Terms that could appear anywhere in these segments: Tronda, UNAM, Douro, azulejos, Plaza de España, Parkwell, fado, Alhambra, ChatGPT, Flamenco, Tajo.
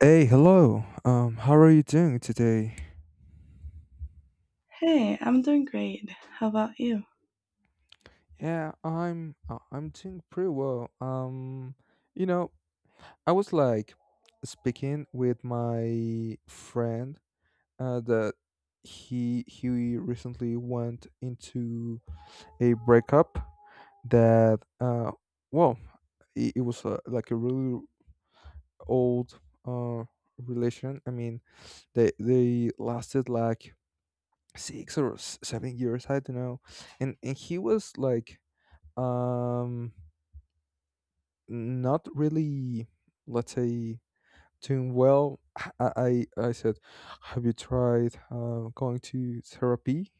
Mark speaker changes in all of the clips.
Speaker 1: Hey, hello. How are you doing today?
Speaker 2: Hey, I'm doing great. How about you?
Speaker 1: Yeah, I'm doing pretty well. You know, I was like speaking with my friend that he recently went into a breakup that well, it was like a really old uh relation. I mean, they lasted like six or 7 years, I don't know. And he was like um not really, let's say, doing well. I said, have you tried going to therapy?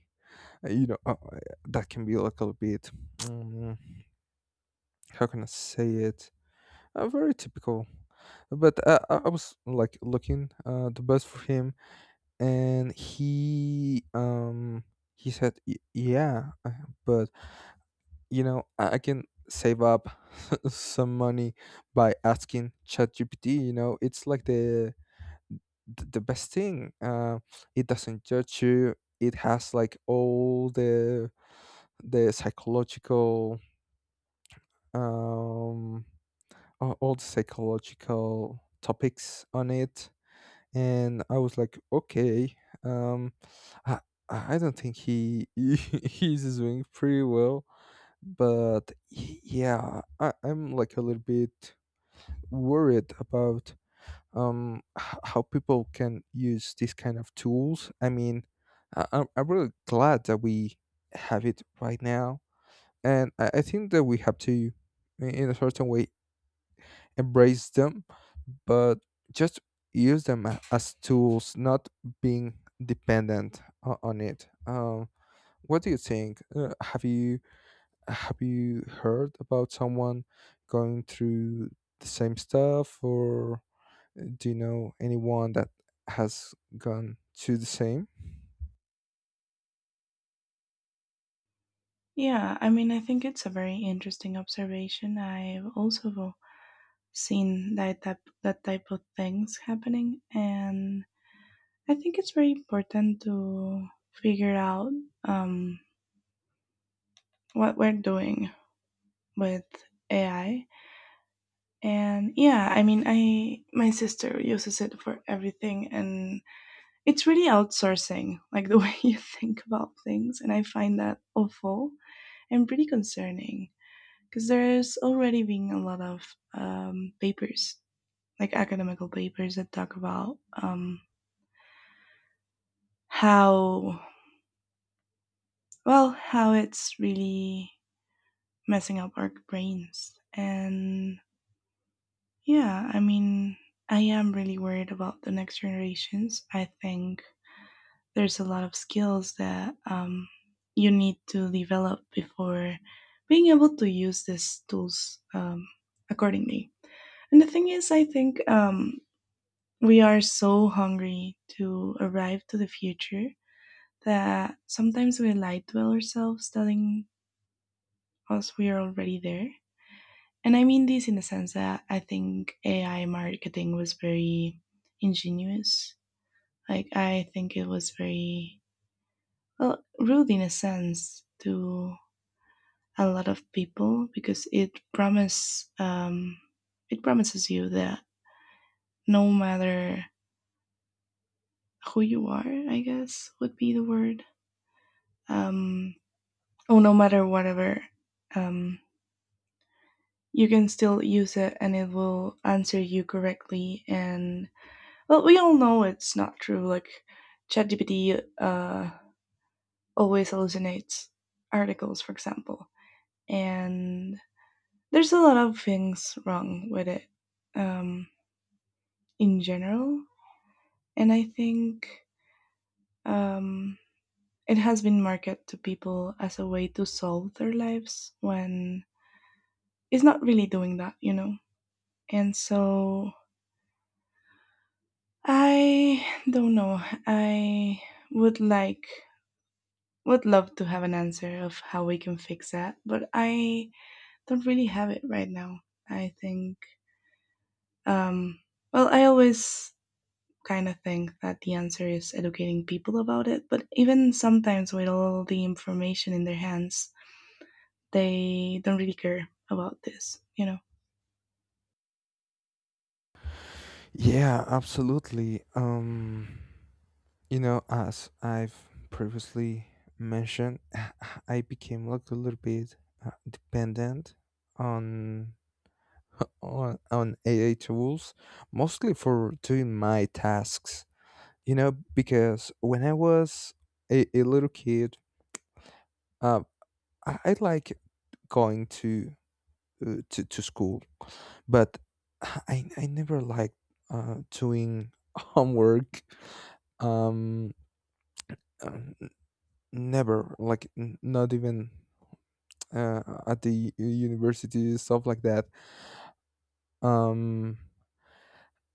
Speaker 1: Uh, you know uh, uh, that can be like a little bit, um, how can I say it, very typical, but I was like looking the best for him. And um he said, Yeah, but you know, I can save up some money by asking ChatGPT. You know, it's like the the best thing. It doesn't judge you. It has like all the psychological, um all the psychological topics on it." And I was like, okay, um, I I don't think he he's doing pretty well. But yeah, I'm like a little bit worried about how people can use these kind of tools. I mean, I'm really glad that we have it right now, and I think that we have to, in a certain way, embrace them, but just use them as tools, not being dependent on it. What do you think? Have you heard about someone going through the same stuff, or do you know anyone that has gone through the same?
Speaker 2: Yeah, I mean, I think it's a very interesting observation. I've also seen that type of things happening, and I think it's very important to figure out um, what we're doing with AI. And yeah, I mean, I my sister uses it for everything, and it's really outsourcing, like the way you think about things, and I find that awful and pretty concerning. Because there's already been a lot of papers, like academical papers, that talk about how, well, how it's really messing up our brains. And yeah, I mean, I am really worried about the next generations. I think there's a lot of skills that you need to develop before being able to use these tools accordingly. And the thing is, I think we are so hungry to arrive to the future that sometimes we lie to ourselves, telling us we are already there. And I mean this in the sense that I think AI marketing was very ingenious. Like, I think it was very, well, rude in a sense to a lot of people because it promises you that no matter who you are, I guess would be the word, um, oh, no matter whatever, um, you can still use it and it will answer you correctly. And well, we all know it's not true. Like ChatGPT always hallucinates articles, for example, and there's a lot of things wrong with it um, in general. And I think um, it has been marketed to people as a way to solve their lives when it's not really doing that, you know. And so I don't know. I would like would love to have an answer of how we can fix that, but I don't really have it right now. I think um well, I always kind of think that the answer is educating people about it, but even sometimes with all the information in their hands, they don't really care about this, you know.
Speaker 1: Yeah, absolutely. As I've previously mentioned, I became like a little bit dependent on on aa tools, mostly for doing my tasks, you know, because when I was a little kid, Um, I like going to, to school, but I never liked doing homework. Um, n- never like n- Not even uh, at the university, stuff like that. Um,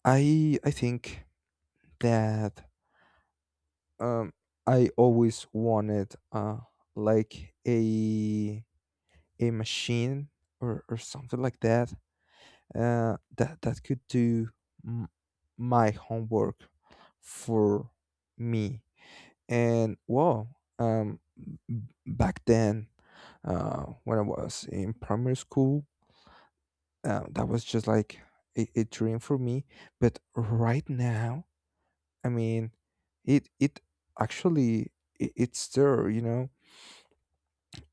Speaker 1: I think that, um I always wanted like a machine or something like that, that could do m- my homework for me. And wow, um, b- back then, when I was in primary school, that was just like a dream for me. But right now, I mean, it actually, it's there. You know,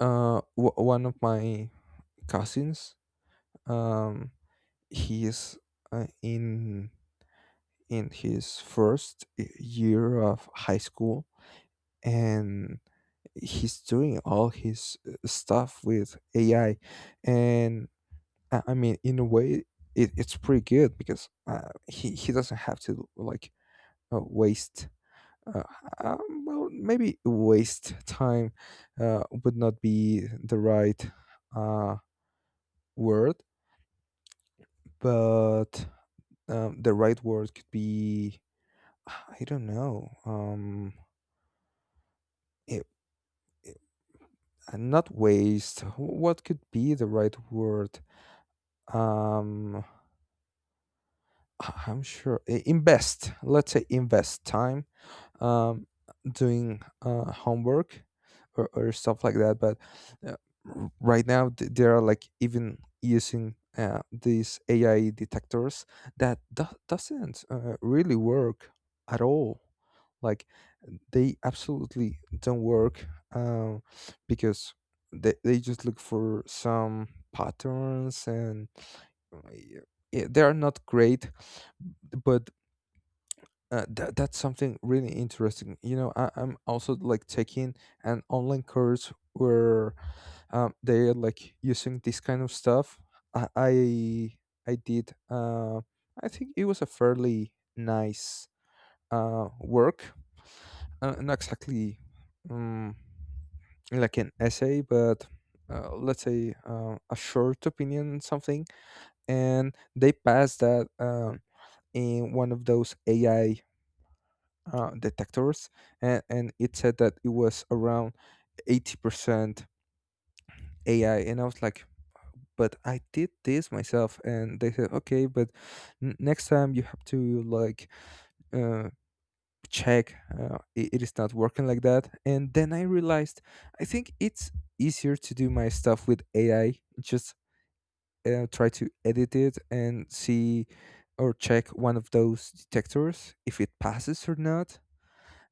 Speaker 1: one of my cousins, um, he is uh, in in his first year of high school, and he's doing all his stuff with AI. And I mean, in a way, it's pretty good because, he doesn't have to like waste. Uh, well, maybe waste time would not be the right uh, word, but the right word could be, I don't know. It, and not waste, what could be the right word? um I- I'm sure, invest, let's say invest time, um, doing homework or stuff like that. But uh, right now, they are like even using, these AI detectors, that doesn't really work at all. Like, they absolutely don't work, um, because they just look for some patterns, and uh, yeah, they are not great. But that that's something really interesting. You know, I'm also like taking an online course where, they are like using this kind of stuff. I I, I did. I think it was a fairly nice work, not exactly, um, like an essay, but let's say a short opinion, something, and they passed that, in one of those AI detectors, and it said that it was around 80% AI. And I was like, but I did this myself. And they said, okay, but next time you have to like uh, check, it, it is not working like that. And then I realized, I think it's easier to do my stuff with AI, just try to edit it and see, or check one of those detectors if it passes or not.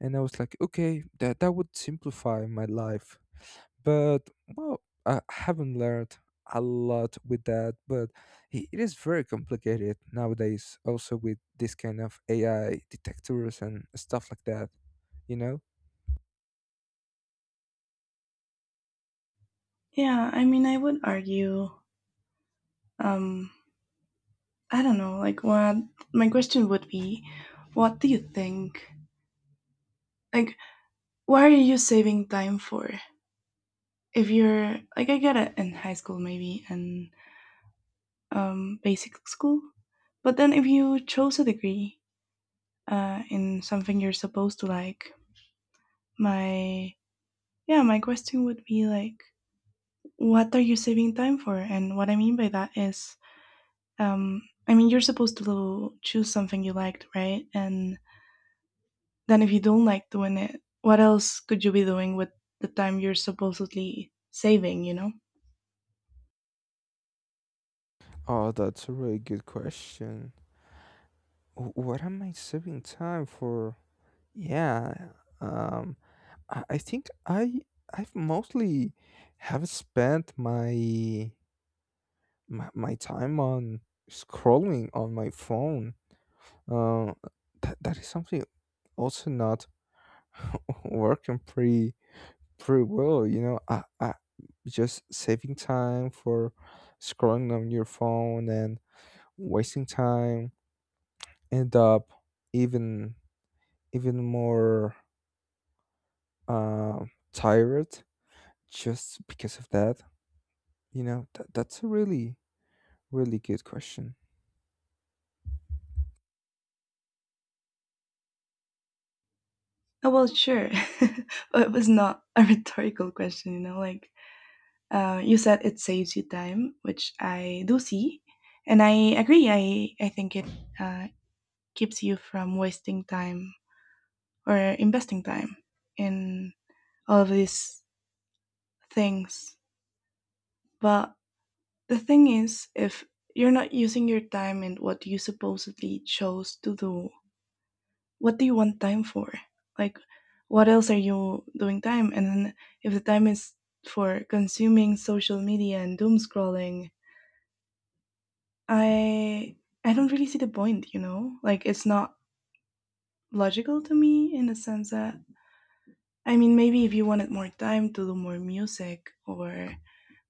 Speaker 1: And I was like, okay, that would simplify my life. But well, I haven't learned a lot with that. But it is very complicated nowadays, also with this kind of AI detectors and stuff like that, you know.
Speaker 2: Yeah, I mean, I would argue, um, I don't know, like, what my question would be, what do you think? Like, why are you saving time for? If you're, like, I get it in high school maybe and basic school, but then if you chose a degree in something you're supposed to like. My Yeah, my question would be like, what are you saving time for? And what I mean by that is, um, I mean you're supposed to choose something you liked, right? And then if you don't like doing it, what else could you be doing with the time you're supposedly saving? You know?
Speaker 1: Oh, that's a really good question. What am I saving time for? Yeah, um, I think I've mostly have spent my my time on scrolling on my phone, uh, that is something also not working pretty well. You know, I just saving time for scrolling on your phone and wasting time, end up even more uh, tired, just because of that. You know, that's a really good question.
Speaker 2: Oh well, sure. But it was not a rhetorical question, you know. Like, you said it saves you time, which I do see, and I agree. I think it uh, keeps you from wasting time or investing time in all of these things. But the thing is, if you're not using your time in what you supposedly chose to do, what do you want time for? Like, what else are you doing time? And then if the time is for consuming social media and doom scrolling, I I don't really see the point, you know? Like, it's not logical to me in the sense that I mean maybe if you wanted more time to do more music or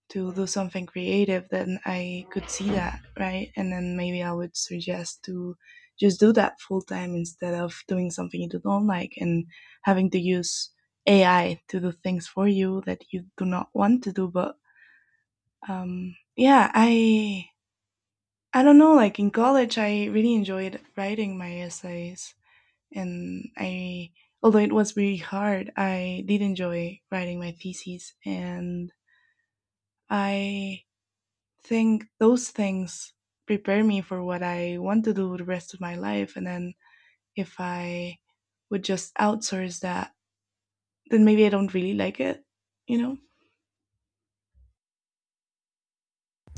Speaker 2: to do something creative, then I could see that, right? And then maybe I would suggest to just do that full time instead of doing something you don't like and having to use AI to do things for you that you do not want to do. But yeah, I don't know, like in college, I really enjoyed writing my essays. And I, Although it was really hard, I did enjoy writing my theses. And I think those things prepare me for what I want to do the rest of my life. And then if I would just outsource that, then maybe I don't really like it, you know?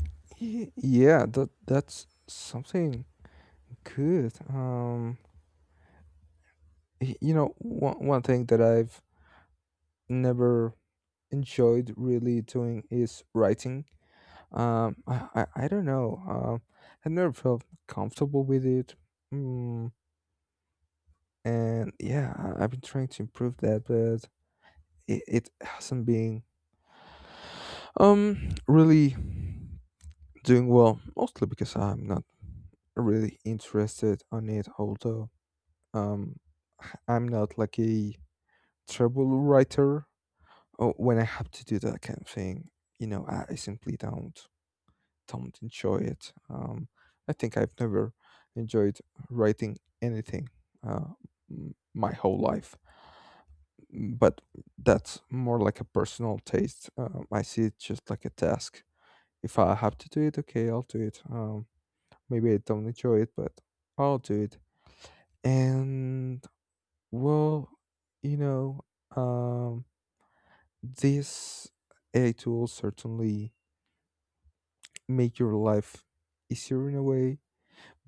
Speaker 1: That's something good. You know, one thing that I've never enjoyed really doing is writing. I don't know. I've never felt comfortable with it. Mm, and yeah, I've been trying to improve that, but it hasn't been really doing well. Mostly because I'm not really interested on it. Although, um, I'm not like a trouble writer. Oh, when I have to do that kind of thing, you know, I simply don't enjoy it. I think I've never enjoyed writing anything uh, my whole life. Mm, but that's more like a personal taste. I see it just like a task. If I have to do it, okay, I'll do it. Maybe I don't enjoy it, but I'll do it. And well, you know, um, these AI tools certainly make your life easier in a way.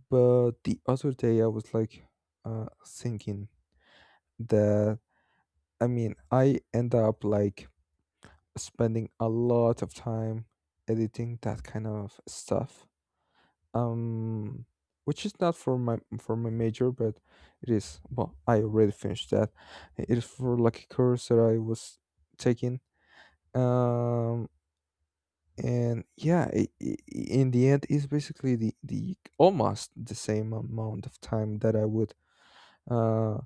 Speaker 1: But the other day, I was like thinking that, I mean, I end up like spending a lot of time editing that kind of stuff. Um, which is not for my major, but it is. Well, I already finished that. It is for like a course that I was taking. Um, and yeah, I in the end, it's basically the almost the same amount of time that I would uh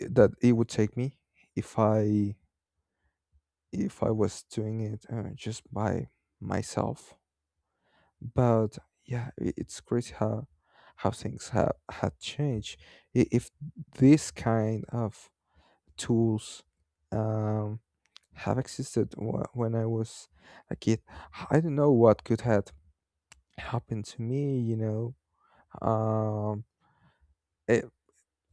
Speaker 1: that it would take me if i if I was doing it, just by myself. But yeah, I it's crazy how things have had changed. If this kind of tools um have existed when I was a kid, I don't know what could have happened to me, you know. Um it,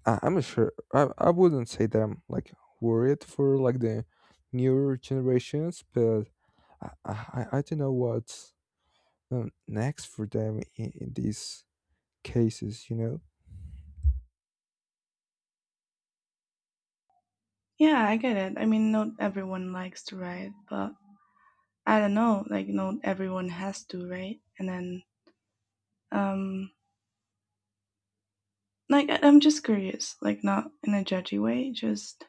Speaker 1: I, I'm not sure, I wouldn't say that I'm like worried for like the newer generations, but I don't know what's next for them in these cases, you know.
Speaker 2: Yeah, I get it. I mean, not everyone likes to write, but I don't know, like, not everyone has to, right? And then, um, like, I am just curious, like not in a judgy way, just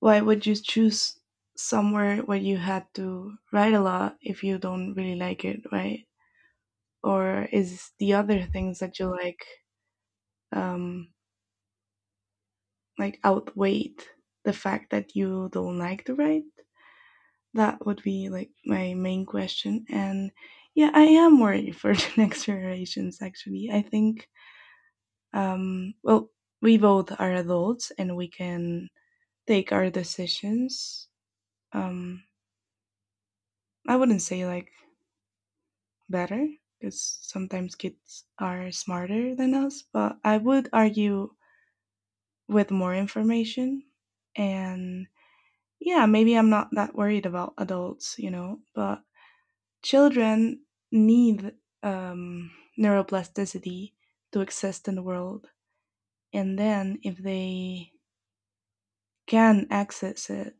Speaker 2: why would you choose somewhere where you had to write a lot if you don't really like it, right? Or is the other things that you um like outweighed the fact that you don't like to write? That would be like my main question. And yeah, I am worried for the next generations actually. I think well, we both are adults and we can take our decisions. Um, I wouldn't say like better because sometimes kids are smarter than us, but I would argue with more information. And yeah, maybe I'm not that worried about adults, you know, but children need um, neuroplasticity to exist in the world. And then if they can access it,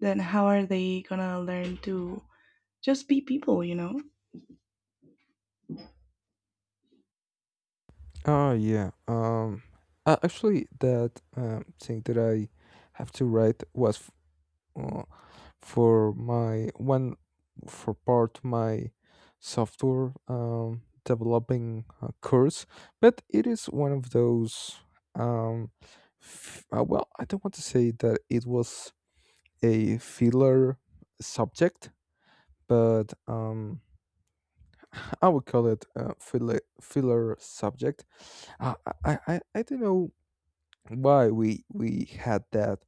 Speaker 2: then how are they gonna learn to just be people, you know?
Speaker 1: Oh yeah. Actually that, thing that I have to write was uh, for my one for part my software developing course, but it is one of those, um well, I don't want to say that it was a filler subject, but I would call it a filler filler subject. uh, I don't know why we had that.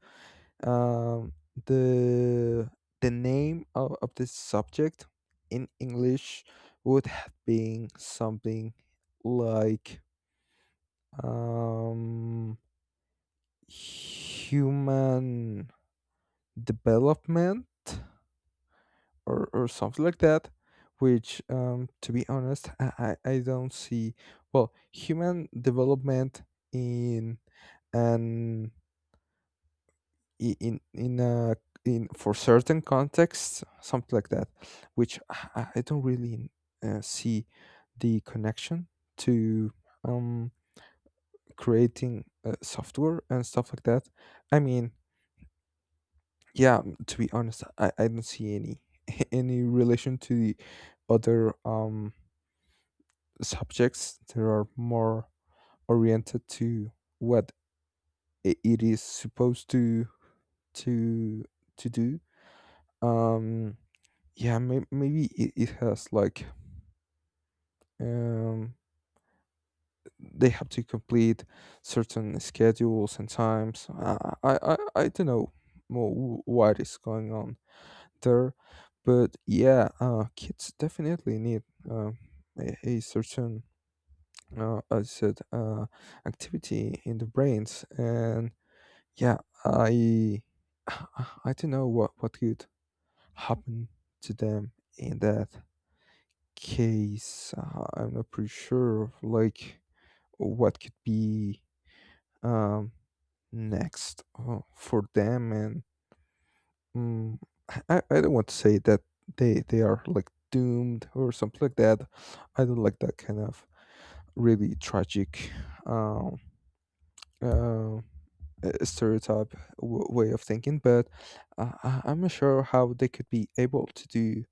Speaker 1: um, the the name of this subject in English would have been something like, um, human development, or something like that. Which, to be honest, I, I don't see, well, human development in an, I- in for certain contexts, something like that. Which, I, I don't really see the connection to, um creating software and stuff like that. I mean, yeah, to be honest, I don't see any any relation to the other subjects that are more oriented to what it is supposed to to to do. um Maybe it has like, um they have to complete certain schedules and times. I don't know more what is going on there. But yeah, kids definitely need, um a certain, as I said, activity in the brains, and yeah, I I don't know what could happen to them in that case. I'm not pretty sure of like what could be, um, next for them. And mm, I don't want to say that they are like doomed or something like that. I don't like that kind of really tragic, um, uh, uh, stereotype way of thinking. But I'm not sure how they could be able to do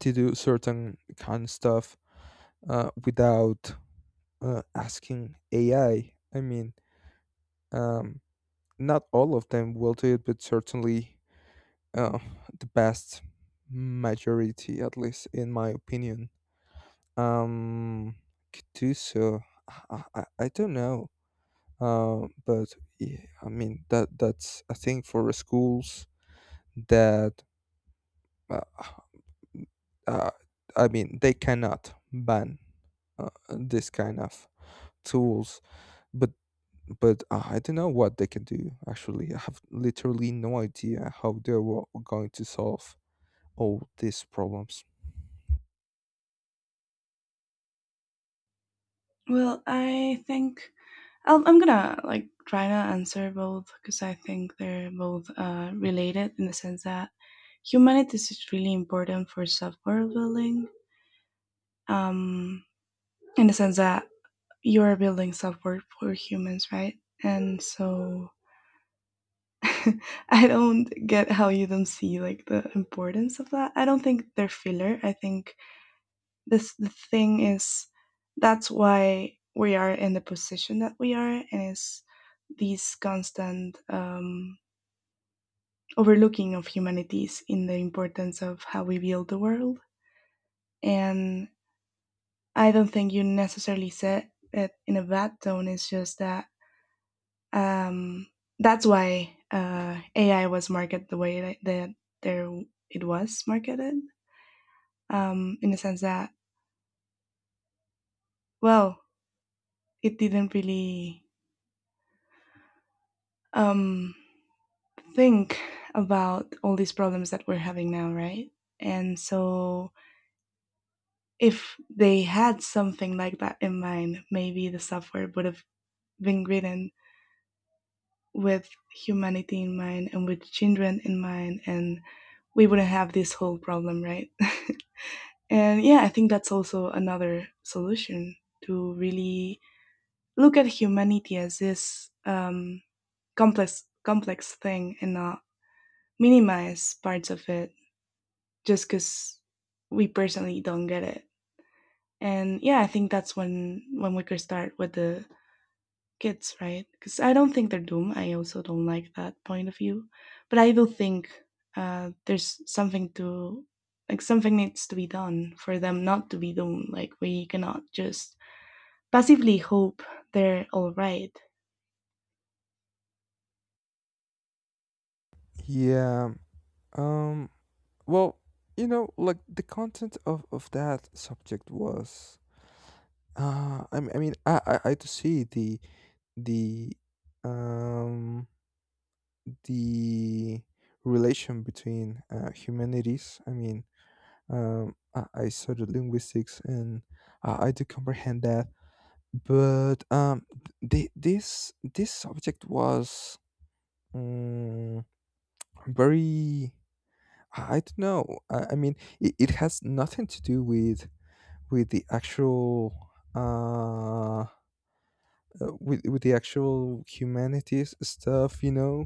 Speaker 1: certain kind of stuff without asking AI. I mean, um, not all of them will do it, but certainly, uh, the vast majority, at least in my opinion, um, could do so. I don't know, but yeah, I mean that's a thing for schools that uh, uh, I mean they cannot ban this kind of tools, but but I don't know what they can do. Actually, I have literally no idea how they were going to solve all these problems.
Speaker 2: Well, I think I'm gonna like try to answer both because I think they're both related in the sense that humanities is really important for software building. Um, in the sense that you are building software for humans, right? And so I don't get how you don't see like the importance of that. I don't think they're filler. I think this, the thing is, that's why we are in the position that we are, and is these constant overlooking of humanities in the importance of how we build the world. And I don't think you necessarily said it in a bad tone, it's just that um, that's why AI was marketed the way that, that there it was marketed, in the sense that well, it didn't really um, think about all these problems that we're having now, right? And so, if they had something like that in mind, maybe the software would have been written with humanity in mind and with children in mind, and we wouldn't have this whole problem, right? And yeah, I think that's also another solution, to really look at humanity as this complex thing and not minimize parts of it just because we personally don't get it. And yeah, I think that's when we could start with the kids, right? Because I don't think they're doomed. I also don't like that point of view, but I do think there's something to, like, something needs to be done for them not to be doomed. Like, we cannot just passively hope they're all right.
Speaker 1: Yeah. Um. Well, you know, like the content of that subject was I mean, I to see the the um the relation between humanities. I mean, I studied linguistics, and I do comprehend that. But this this subject was um, very. I don't know. I mean, it has nothing to do with the actual uh with the actual humanities stuff. You know,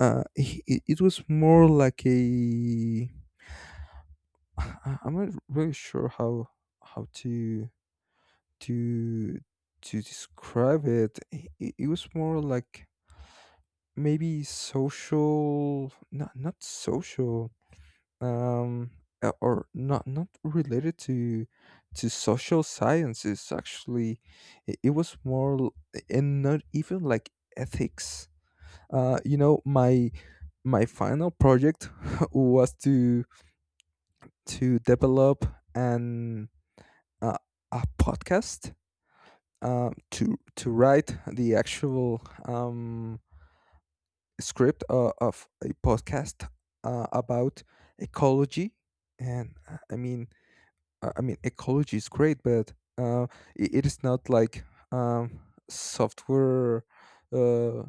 Speaker 1: it it was more like a. I'm not really sure how to to describe it, it was more like maybe social, not social, um, or not not related to social sciences. Actually, it was more, and not even like ethics. You know, my final project was to develop an uh, a podcast to write the actual script of a podcast about ecology. And I mean I mean ecology is great, but it is not like um, software, uh,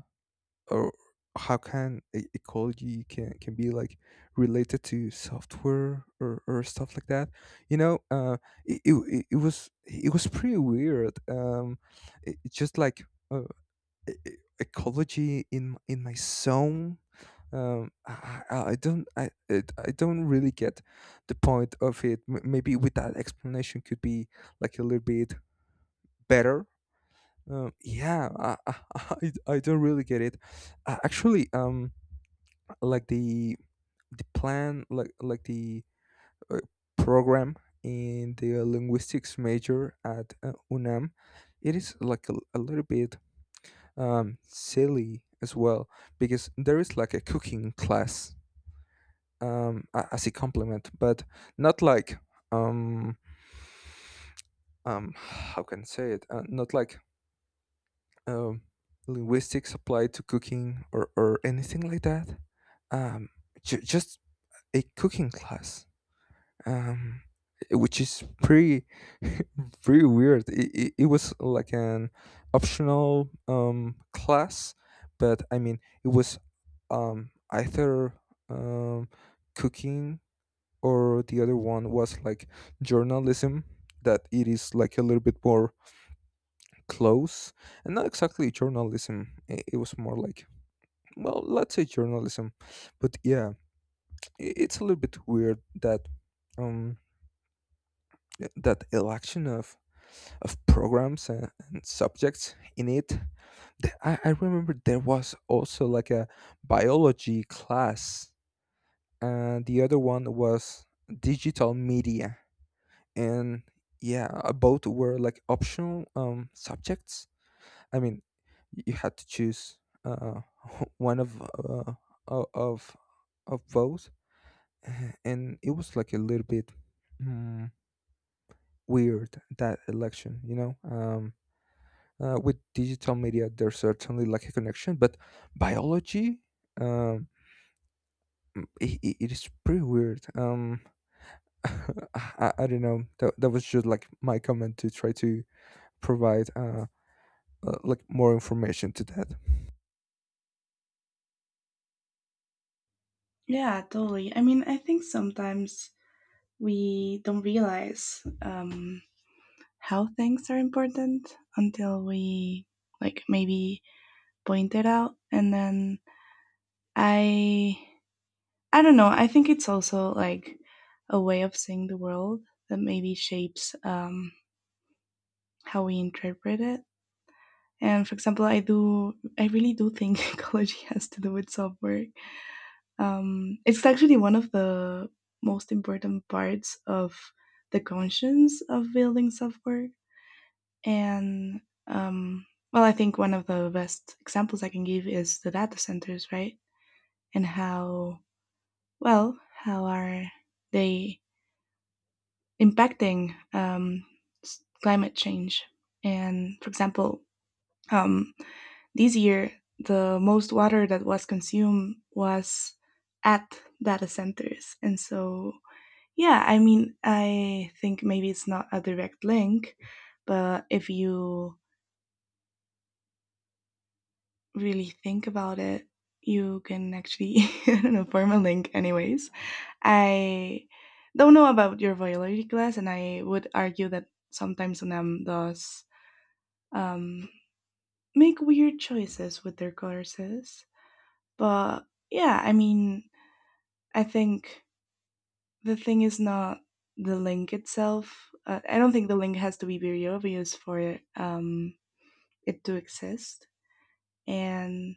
Speaker 1: or how can ecology can be like related to software or stuff like that, you know. It was. It was pretty weird. It's just like uh, ecology in my zone. I don't really get the point of it. Maybe with that explanation could be like a little bit better. um yeah i i, I don't really get it, actually. Like the plan, like the uh, program in the linguistics major at UNAM, it is like a little bit silly as well, because there is like a cooking class as a complement, but not like um how can I say it, not like um linguistics applied to cooking, or anything like that. um just a cooking class, um, which is pretty pretty weird. It was like an optional class, but I mean it was either um, cooking, or the other one was like journalism. That it is like a little bit more close, and not exactly journalism. It was more like, well, let's say journalism. But yeah, it's a little bit weird that um that election of programs and subjects in it. I remember there was also like a biology class, and the other one was digital media. And yeah, both were like optional subjects. I mean, you had to choose uh, one of o- of of both, and it was like a little bit mm, weird, that election, you know. With digital media there's certainly like a connection, but biology, um it, it is pretty weird. I don't know, that was just like my comment to try to provide like more information to that.
Speaker 2: Yeah, totally. I mean, I think sometimes we don't realize how things are important until we, like, maybe point it out, and then I I don't know, I think it's also like a way of seeing the world that maybe shapes how we interpret it. And for example, I really do think ecology has to do with self work. It's actually one of the most important parts of the conscience of building self work. And, um, well, I think one of the best examples I can give is the data centers, right? And how, well, how are they impacting climate change? And for example, um, this year, the most water that was consumed was at data centers. And so, yeah, I mean, I think maybe it's not a direct link, but if you really think about it, you can actually I don't know, form a link. Anyways, I don't know about your biology class, and I would argue that sometimes Nam does um, make weird choices with their courses. But yeah, I mean, I think the thing is not the link itself. I don't think the link has to be very obvious for it to exist. And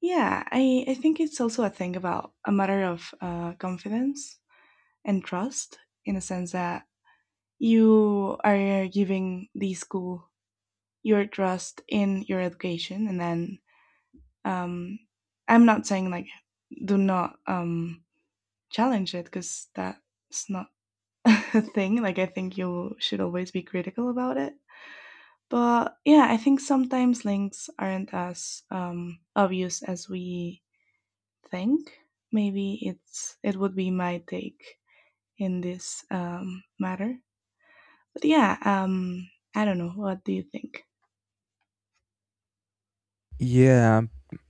Speaker 2: yeah, I think it's also a thing about a matter of confidence and trust, in a sense that you are giving the school your trust in your education, and then um, I'm not saying like do not challenge it because that's not a thing. Like, I think you should always be critical about it. But yeah, I think sometimes links aren't as obvious as we think. Maybe it's it would be my take in this matter. But yeah, I don't know. What do you think?
Speaker 1: Yeah.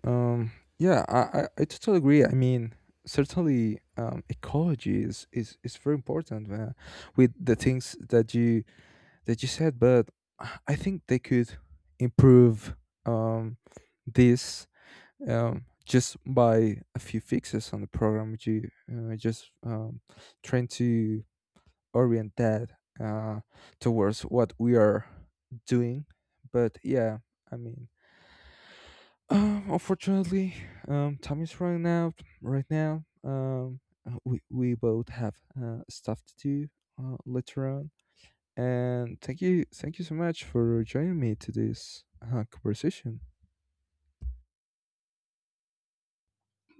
Speaker 1: um I totally agree. I mean, certainly ecology is very important, with the things that you that you said. But I think they could improve um, this, just by a few fixes on the program. Which you just trying to orient that uh, towards what we are doing. But yeah, I mean, unfortunately, time is running out right now. We both have stuff to do later on. And thank you so much for joining me to this conversation.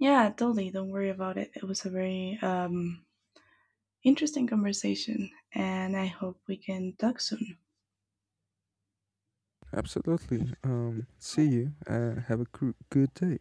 Speaker 2: Yeah, totally. Don't worry about it. It was a very interesting conversation, and I hope we can talk soon.
Speaker 1: Absolutely. See you. Have a good day.